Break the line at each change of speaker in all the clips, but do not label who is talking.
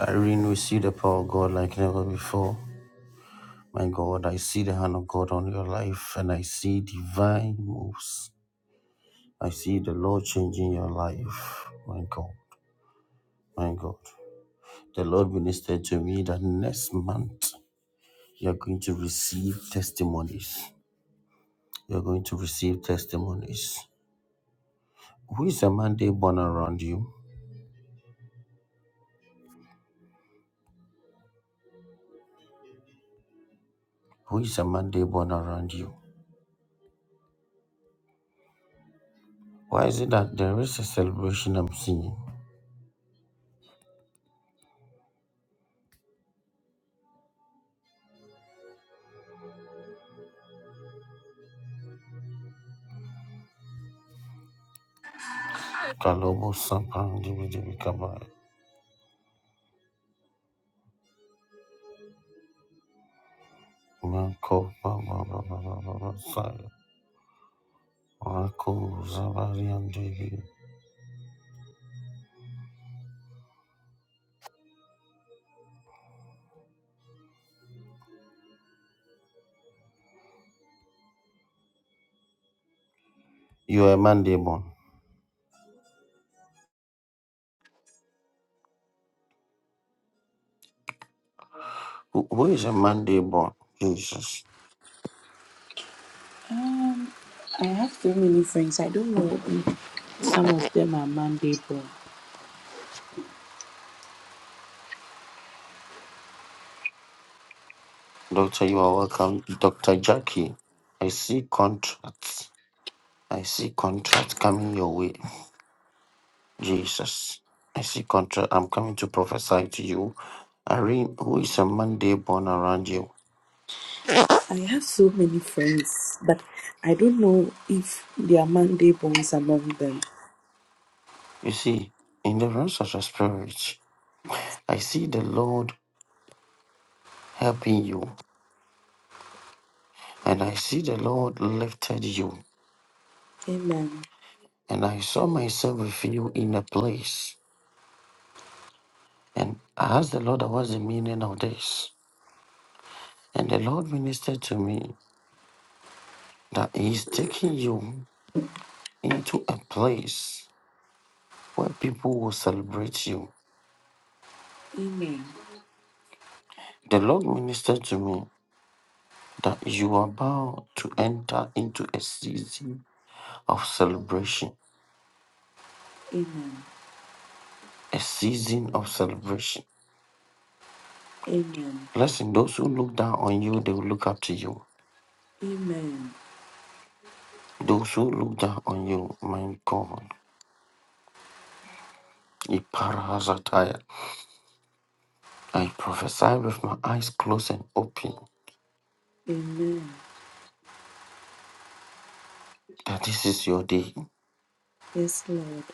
Irene, we see the power of God like never before. My God, I see the hand of God on your life and I see divine moves. I see the Lord changing your life. My God, my God. The Lord ministered to me that next month you're going to receive testimonies. You're going to receive testimonies. Who is a Monday born around you? Who is a Monday born around you? Why is it that there is a celebration I'm seeing? Kalobo Sampan Dibi Dibi Kaba. You are a man born. Who who is a Monday born? Jesus.
Um, I have so many friends. I don't know if some of them are Monday born.
Doctor, you are welcome. Dr. Jackie, I see contracts. I see contracts coming your way. Jesus. I see contract. I'm coming to prophesy to you. Irene, who is a Monday born around you?
I have so many friends, but I don't know if there are Monday borns among them.
You see, in the realms of the spirit, I see the Lord helping you. And I see the Lord lifted you.
Amen.
And I saw myself with you in a place. And I asked the Lord, what's the meaning of this? And the Lord ministered to me that He's taking you into a place where people will celebrate you.
Amen.
The Lord ministered to me that you are about to enter into a season of celebration.
Amen.
A season of celebration.
Amen.
Listen, those who look down on you, they will look up to you.
Amen.
Those who look down on you, my God, Iparahazataya. I prophesy with my eyes closed and open
Amen.
that this is your day.
Yes, Lord.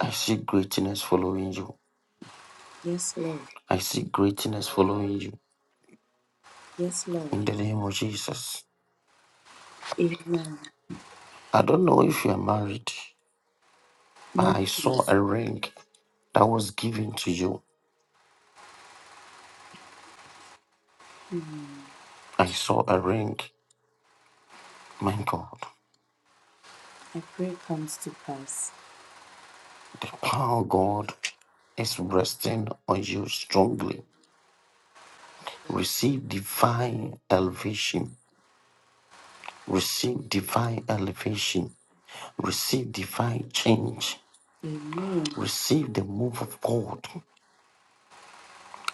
I see greatness following you.
Yes, Lord.
I see greatness following you.
Yes, Lord.
In the name of Jesus.
Amen.
I don't know if you are married,
No
but I saw
peace.
a ring that was given to you. I saw a ring. My God,
I prayer comes to pass.
the power of God is resting on you strongly. Receive divine elevation receive divine elevation, receive divine change,
Amen.
receive the move of God.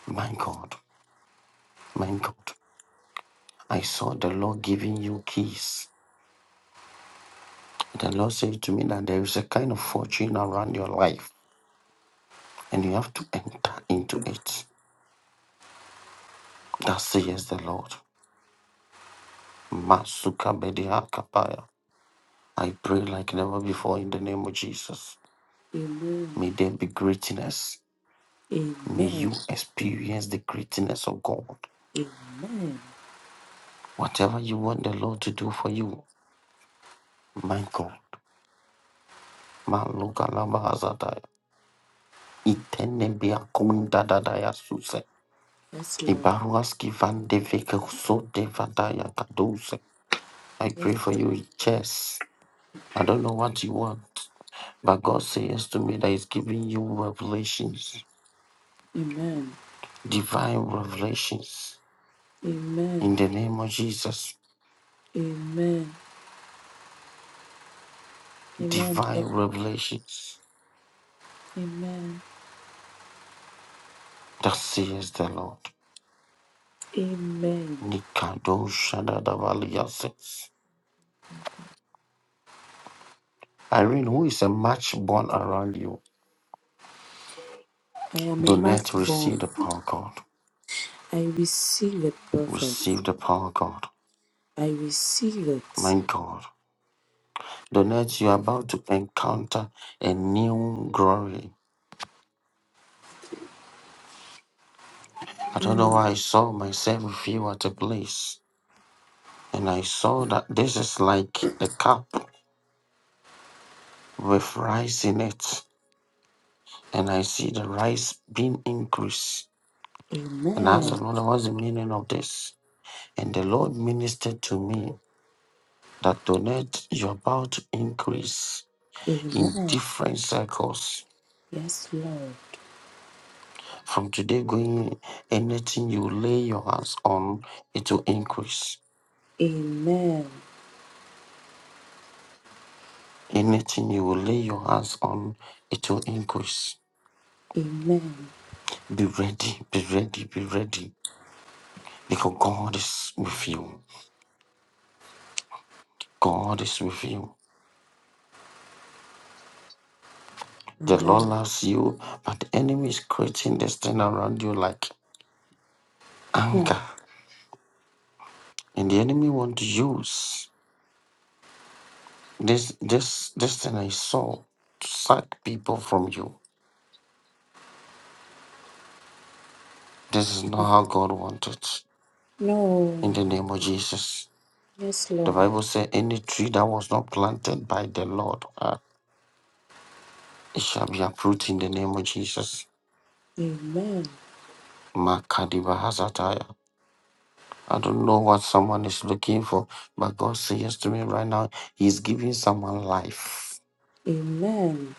My God, my God, I saw the Lord giving you keys. The Lord said to me that there is a kind of fortune around your life and you have to enter into it. That says the Lord. Masuka Bedia Kapaya. I pray like never before in the name of Jesus.
Amen.
May there be greatness. May
Amen.
you experience the greatness of God.
Amen.
Whatever you want the Lord to do for you, Michael, Maluka Lama Azadaya, Itenebia Kunda Dadaya Suse,
Yes, Lord.
Ibaruaski Van de Veke Sote Vadaya Kaduse. I
Yes,
pray for
Lord.
you, Chess. I don't know what you want, but God says to me that He's giving you revelations,
Amen.
divine revelations.
Amen.
In the name of Jesus,
Amen. Amen.
divine
Prophet.
revelations.
Amen.
That says the Lord.
Amen.
Nikado Shadadavaliasis. Irene, who is a match born around you?
I am a
Donate, receive
firstborn.
the power of God.
I receive it, prophet.
Receive the power of God.
I receive it.
My God. Donate, you are about to encounter a new glory. I don't know why I saw myself with you at a place. And I saw that this is like a cup with rice in it. And I see the rice being increased. And I asked the
Amen.
Lord, what's the meaning of this? And the Lord ministered to me that donate, you're about to increase in
Amen.
different circles.
Yes, Lord.
From today going, anything you lay your hands on, it will increase.
Amen.
Anything you will lay your hands on, it will increase.
Amen.
Be ready, be ready, be ready, because God is with you. God is with you. The Lord
Amen.
loves you, but the enemy is creating this thing around you like
Hmm.
anger. And the enemy want to use this this this thing I saw to sack people from you. This is not how God wanted.
No.
in the name of Jesus.
Yes,
The
Lord.
Bible said, any tree that was not planted by the Lord, uh, it shall be uprooted in the name of Jesus.
Amen.
Makadiba Hazataya. I don't know what someone is looking for, but God says to me right now, He's giving someone life.
Amen.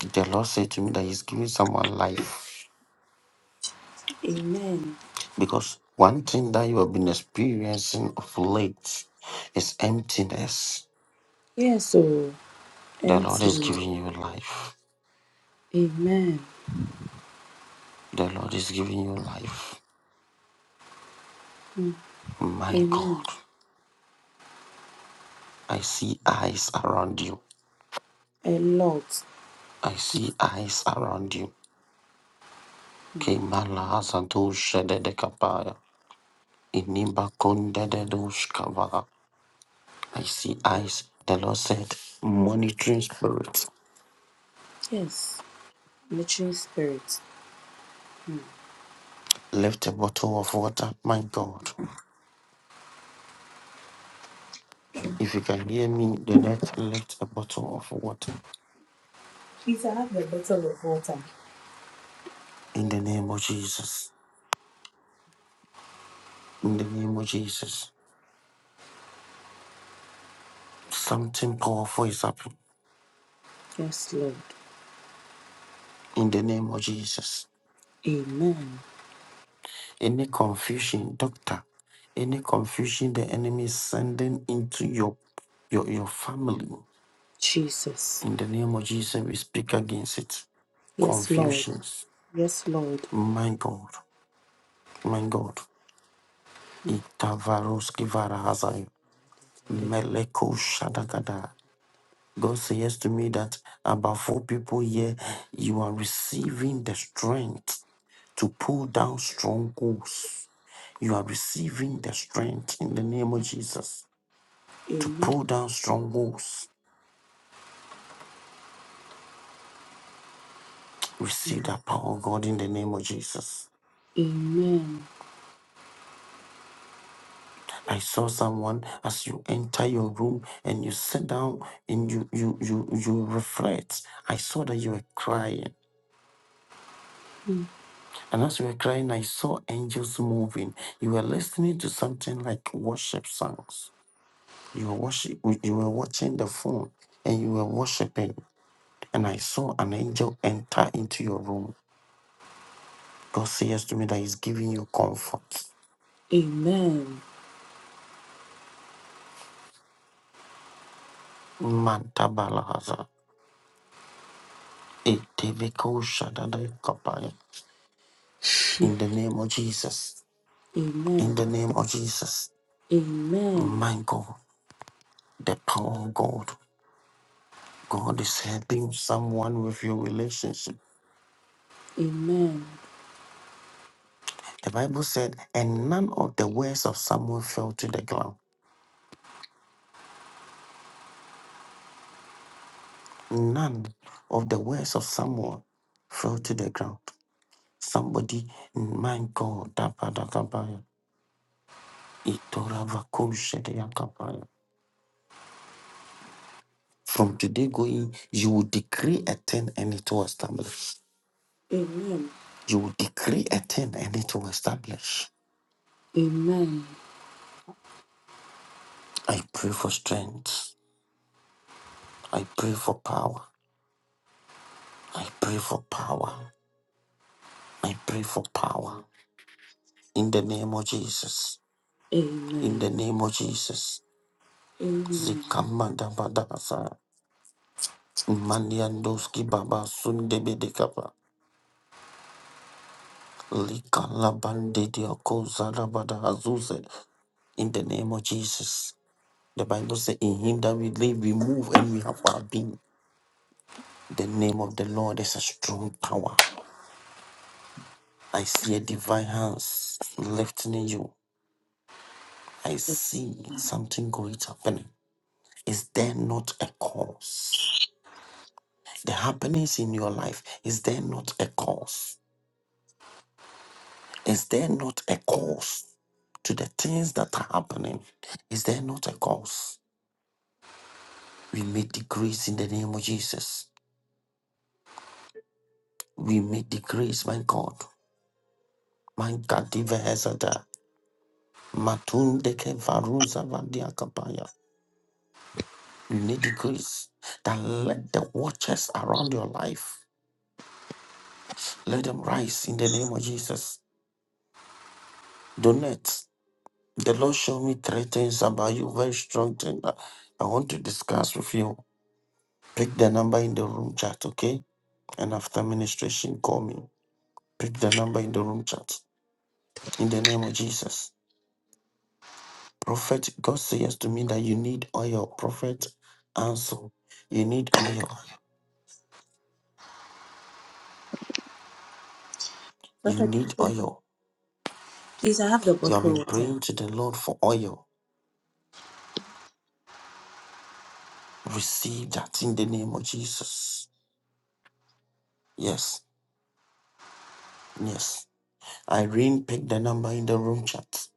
The Lord said to me that He's giving someone life
Amen.
because one thing that you have been experiencing of late is emptiness.
Yes, oh.
The Lord is
Empty.
giving you life.
Amen.
The Lord is giving you life.
Hmm.
My
Amen.
God. I see eyes around you.
A lot.
I see eyes around you. Kemala Zadosha de Dedekapaya. Inimba Konde Dedushkava. I see eyes. The Lord said, monitoring spirit.
Yes. Literally spirit.
Left a bottle of water. My God. If you can hear me, the next left a bottle of water.
Please, I have the bottle of water.
In the name of Jesus. In the name of Jesus. Something powerful is happening.
Yes, Lord.
In the name of Jesus.
Amen.
Any confusion, doctor, any confusion the enemy is sending into your your your family.
Jesus.
In the name of Jesus, we speak against it.
Yes, Lord.
Confusions.
Yes, Lord.
My God, my God. Itavaroski varahazai. Meleko shadagada. God says to me that about four people here, you are receiving the strength to pull down strongholds. You are receiving the strength in the name of Jesus. to
Amen.
pull down strongholds. Receive that power, of God, in the name of Jesus.
Amen.
I saw someone as you enter your room and you sit down and you you you you reflect. I saw that you were crying,
Mm.
and as you were crying, I saw angels moving. You were listening to something like worship songs. You were worship, you were watching the phone, and you were worshiping. And I saw an angel enter into your room. God says to me that He's giving you comfort.
Amen.
Man, Etevikoshadadakapaya.
Mm.
In the name of Jesus. In
Amen.
the name of Jesus.
Amen.
My God, the power of God. God is helping someone with your relationship.
Amen.
The Bible said, and none of the words of Samuel fell to the ground. None of the words of Samuel fell to the ground. Somebody, my God, dapadakabaya, itoravakoshedeakabaya. from today going, you will decree a thing and it will establish.
Amen.
You will decree a thing and it will establish.
Amen.
I pray for strength. I pray for power. I pray for power. I pray for power. In the name of Jesus. In
Amen.
the name of Jesus.
Amen.
Zikamadabadasa. Mandiandoski Baba Sundebedekapa. Likalabandidiako Zarabadahazuze. In the name of Jesus. The Bible says, In him that we live, we move, and we have our being. The name of the Lord is a strong tower. I see a divine hands lifting you. I see something great happening. Is there not a cause? The happenings in your life, is there not a cause? Is there not a cause to the things that are happening? Is there not a cause? We make the grace in the name of Jesus. We make the grace, my God. My God, Diva Hezada. Matunde ke varuza vandia You may decrease. That let the watchers around your life let them rise in the name of Jesus. Donate. The Lord showed me three things about you, very strong thing that I want to discuss with you. Pick the number in the room chat, okay? And after ministration, call me. Pick the number in the room chat. In the name of Jesus. Prophet, God says to me that you need oil. Prophet, answer. You need oil. You
Perfect.
need oil.
Please, I have the
You have
bottle
been
of water.
praying to the Lord for oil. Receive that in the name of Jesus. Yes, yes. Irene, pick the number in the room chat.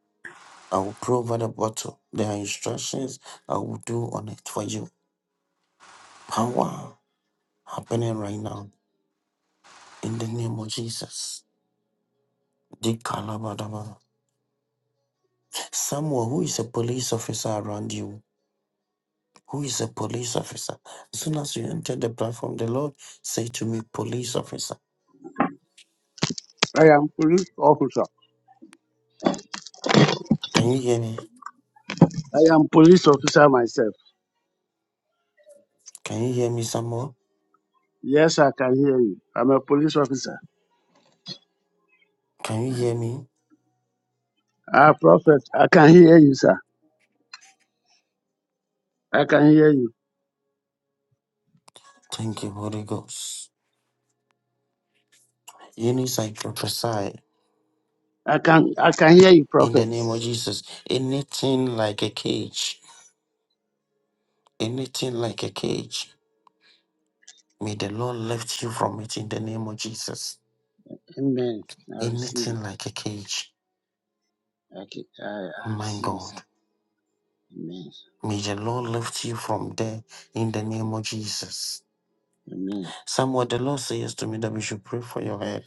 I will provide a bottle. There are instructions I will do on it for you. Power happening right now in the name of Jesus. Di kalabadaba. Someone who is a police officer around you, who is a police officer, as soon as you enter the platform, the Lord say to me, police officer.
I am police officer.
Can you hear me?
I am police officer myself.
Can you hear me, Samuel?
Yes, I can hear you. I'm a police officer.
Can you hear me?
Ah, prophet, I can hear you, sir. I can hear you.
Thank you, Holy Ghost. Eunice, I prophesy
I can I can hear you,
in the
prophet.
name of Jesus. Anything like a cage, anything like a cage, may the Lord lift you from it in the name of Jesus.
Amen. I receive
Anything
it.
like a cage,
I can, I, I
my
receive it,
God,
sir. Amen.
may the Lord lift you from there in the name of Jesus.
Amen.
Somewhat the Lord says to me that we should pray for your head.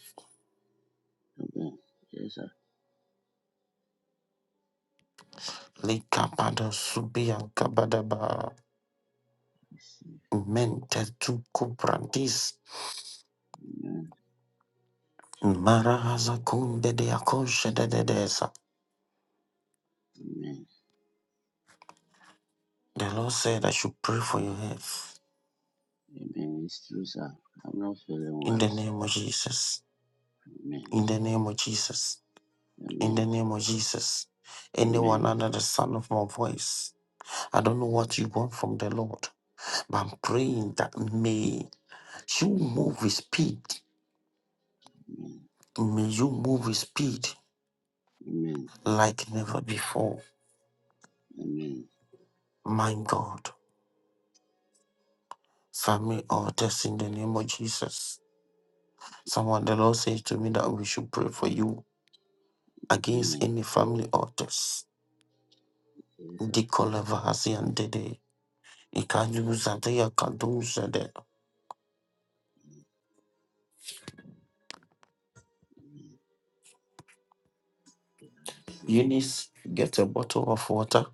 Amen. Yes, sir. I
Likabada subi ankabadaba.
receive.
Mente tu kubrandis.
it. Amen.
Marahaza kunde de akoshe de
Amen.
The Lord said I should pray for your health
Amen. It's true, sir. I'm not feeling
in
well.
the name of Jesus.
Amen.
In the name of Jesus. In the
Amen.
name of Jesus. Anyone
Amen.
under the sound of my voice, I don't know what you want from the Lord, but I'm praying that may you move with speed.
Amen.
May you move with speed
Amen.
like never before.
Amen.
My God, family altars in the name of Jesus. Someone, the Lord said to me that we should pray for you against
Amen.
any family altars
Yes, sir.
Dikola Vahasian Dede.
Amen.
Ikajuza Dea Kaduza De.
Especially
Eunice, get a bottle of water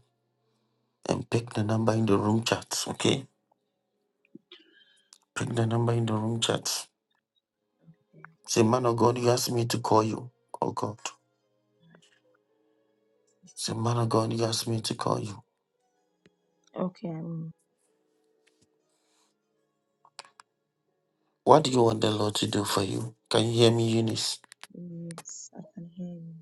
and pick the number in the room chat, okay? Pick the number in the room chat. Say, man of God, you asked me to call you. Oh God. Say, man of God, you asked me to call you.
Okay, I'm,
What do you want the Lord to do for you? Can you hear me, Eunice?
yes, I can hear you.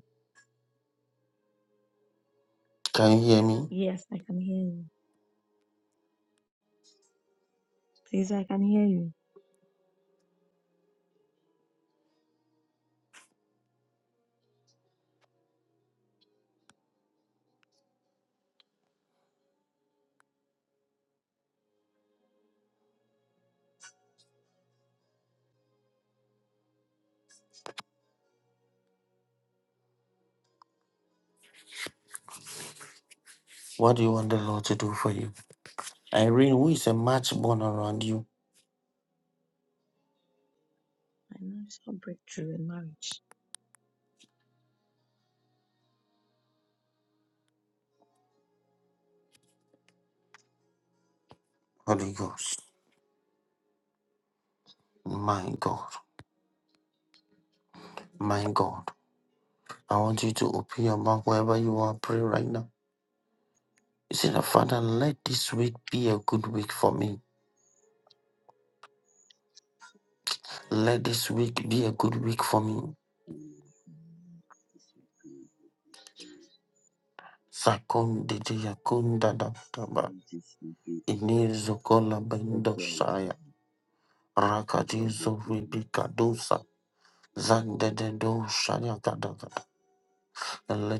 Can you hear me?
Yes, I can hear you. Please, I can hear you.
What do you want the Lord to do for you? Irene, who is a match born around you?
I know Financial breakthrough in marriage.
Holy Ghost. My God. My God. I want you to open your mouth wherever you are. Pray right now. You say, that, Father, let this week be a good week for me. Let this week be a good week for me. Sakonde yakunda da da ba.
from
Inizo kola bendo saya. Rakatizo
relatively
vibika dosa. Zande de do shaya kada kada.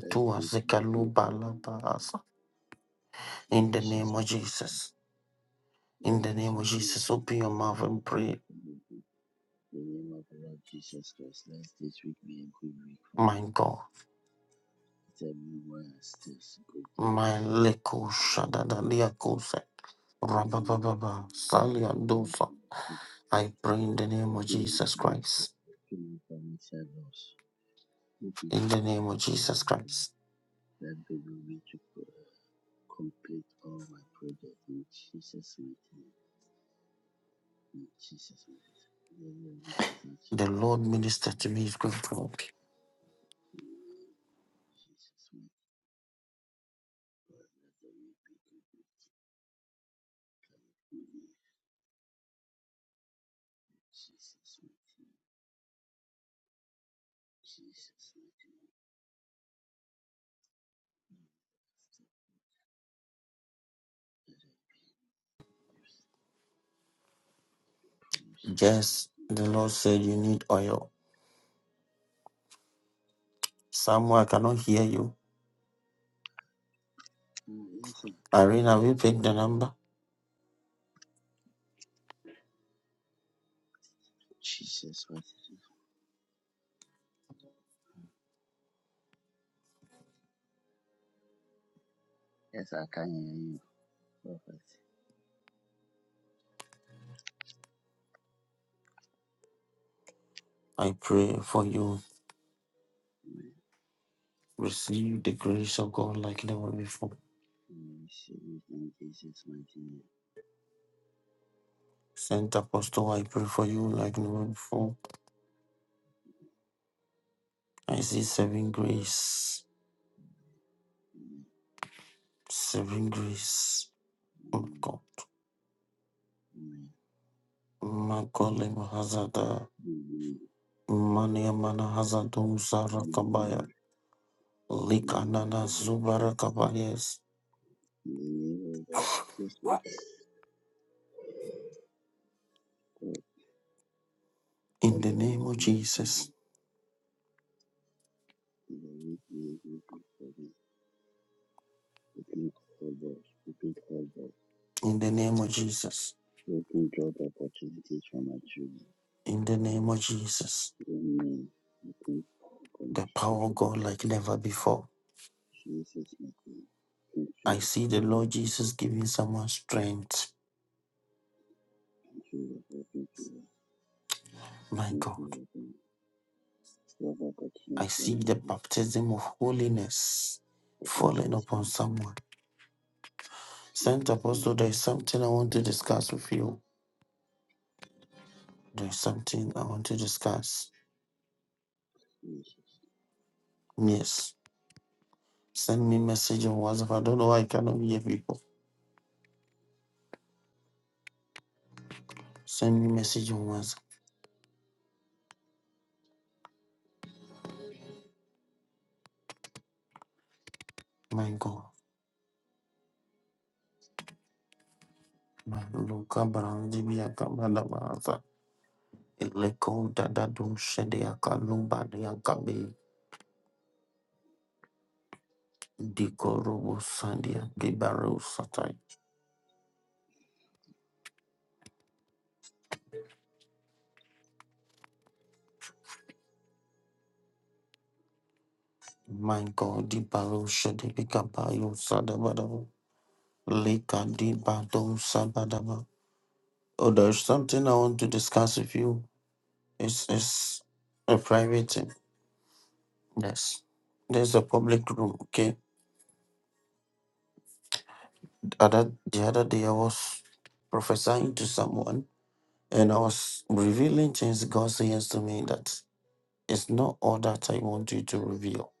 less patient
zekaluba
people.
la baasa.
and
In the
Jesus
name of
from
Jesus.
let
In the
this
name of
week be a
Jesus,
good
open
week.
your mouth and pray.
The name of the Lord Jesus Christ, let this week be a good week for
My
me.
God.
It's everywhere I still good news.
My Maleko Shadadalia Kose. Rabababa Salia Dosa. I pray in the name of
Open the
Jesus Christ.
financial doors. moving
In the
all
name of
financial
Jesus
burdens,
Christ.
that they will be to uh, complete all my projects in Jesus' mighty name. In Jesus' mighty name. Let the week start
The Lord ministered to me is going to work.
in the name of Jesus' mighty God. Let the week be complete in the name of Jesus' mighty name. Jesus' mighty promotion.
Yes, the Lord said you need oil. Samuel, I cannot hear you.
Ah, yes, sir.
Irene, will you pick the number?
Jesus' mighty name. Yes, I can hear you, prophet.
I pray for you.
Amen.
Receive the grace of God like never before.
We receive it in Jesus' mighty name.
Saint Apostle, I pray for you like never before. I see saving grace.
Amen.
Saving grace. Mko-
Amen.
Makole mahazada.
Amen.
Mania mana hazadum
Amen. Amen.
sarakabaya.
name
Likanana
of Jesus,
zubarakabayas.
in the name of Jesus, Lord, God,
In the
Father, we
name of
thank you for
Jesus.
this, in the name of Jesus, for this, open all doors, open all doors,
In the name of Jesus.
open job opportunities for my children,
In the name of Jesus.
amen, open all
The
opportunities
power
for
of
them,
God like never before.
Jesus, my King, thank you,
I
Lord.
see the
thank
Lord
you, Lord.
Jesus giving someone strength.
thank you, Lord. thank
My God.
job
I
opportunities for
see
my
the baptism of holiness
children,
falling
Jesus, my
upon
King,
someone. Saint
Jesus, my
Apostle, there
King,
is something I want to discuss with you. There's something I want to discuss.
Jesus,
Yes. Send me message on WhatsApp. I don't know why I cannot hear people. Send me message on WhatsApp. My God. My Luka Brandi Biakamada Maza. Eleko Dada Dum Shedia Kalumba Diakabi. Dikorobo Sandia Gibaro Satai. My God, the Baro Shedi Bikabayo Sadabadabo. Lika Di Bado Sabadaba. Oh, there's something I want to discuss with you. It's it's a private thing. Yes. There's a public room. Okay. Other the other day I was prophesying to someone and I was revealing things God says to me that it's not all that I want you to reveal.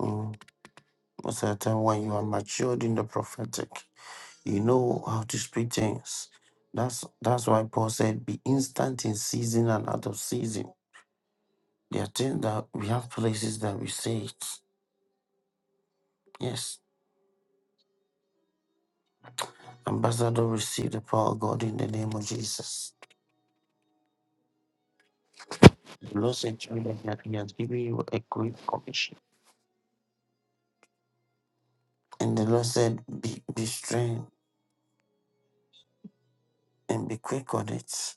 Mm. A certain when you are matured in the prophetic, you know how to speak things. That's that's why Paul said, "Be instant in season and out of season." There are things that we have places that we say it. Yes, Ambassador, receive the power of God in the name of Jesus. The Lord said to me that He has given you a great commission. And the Lord said, be, be strong and be quick on it.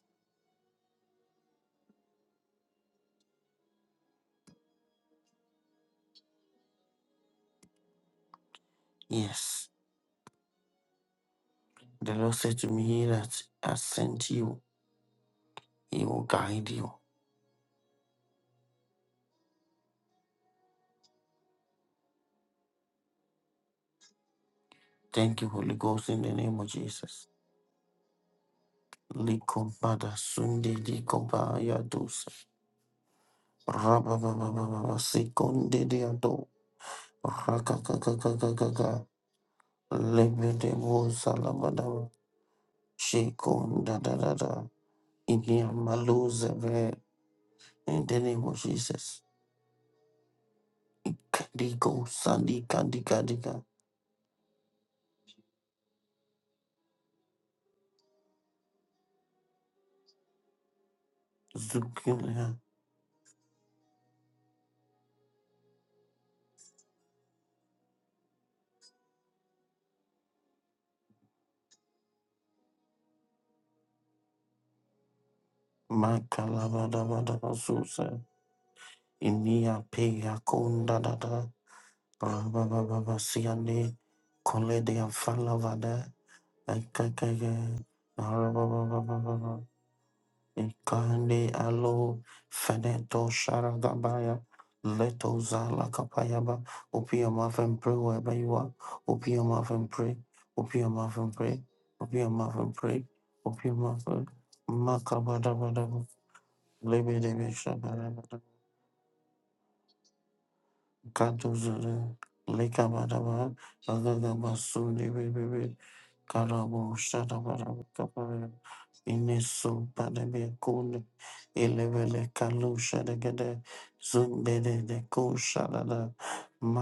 Yes. The Lord said to me that I has sent you, He will guide you. Thank you, Holy Ghost, in the name of Jesus. Likompada sunde likopa yadusa. Rabababababa sekonde diado. Rakakakakakaka. Lebede Shekon da da da da. Inia maluzeve. In the name of Jesus. Kandigo sandi kandi kandika. Zukulia. Makalaba da ba da ba susa. Inia peya kon da da da. Raba ba ba ba siande. Kole de amfalavada. Akakaya. Raba ba ba ba ba ba. Ikande alo feneto sharagabaya leto zala kapayaba. Open your mouth and pray wherever you are. Open your mouth and pray. Open your mouth and pray. Open your mouth and pray. Open your mouth and makabada badaba. Lebe Kadozere, Lekabadaba, Agagabasuni, Bibi, Karabo, Shadabara, Kapare, Ineso, Padabe, Kun, Elevele, Kalu, Shadagade, Zumbede, de Ko, Shadada,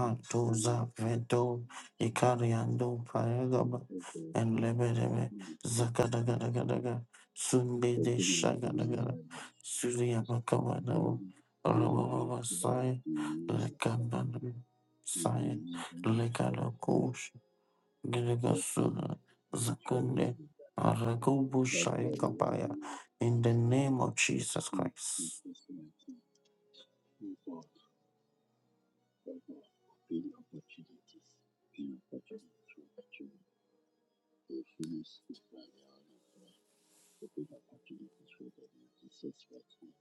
my King.
Vedo,
Jesus.
Ikariando, Payagaba,
for the food
and Lebedebe,
cooking us,
Zakadagadagadaga, Sunde
for
de
giving us
Shagadagada,
financial
Surya Bakabadabo,
restraint. We are grateful that
Rababasai,
you have
Lekandana Sai
been using us
Lekalokush
bless the
Giligasuna
future of
Zakunde
the life
Aragubushai
that we
Kabaya
are
in
and
the name of Jesus
food to
Christ.
personality over over big opportunities, big opportunities for the children. They finish the final and pray for big opportunities for them in Jesus' right name.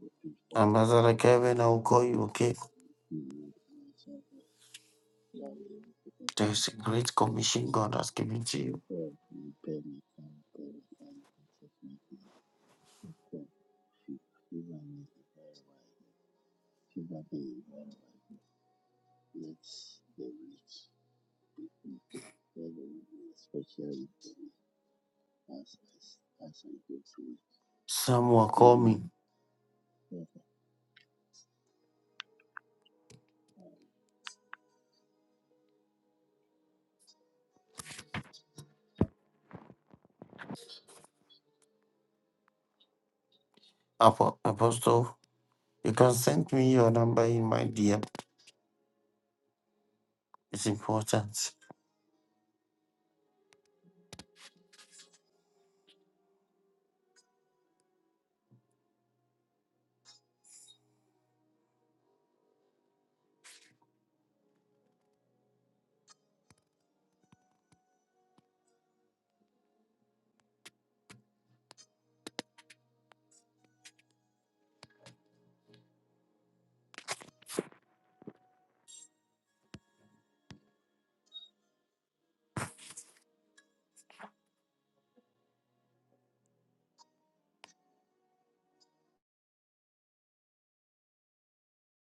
We for
Ambassador
financial,
Kevin, I will call you, okay?
you know, financial Let's the rich
There is a great commission God has given to you.
let there be a special repayment as, as, as I go to
Some will call me
it.
Apo- Apostle. You can send me your number in my DM. It's important.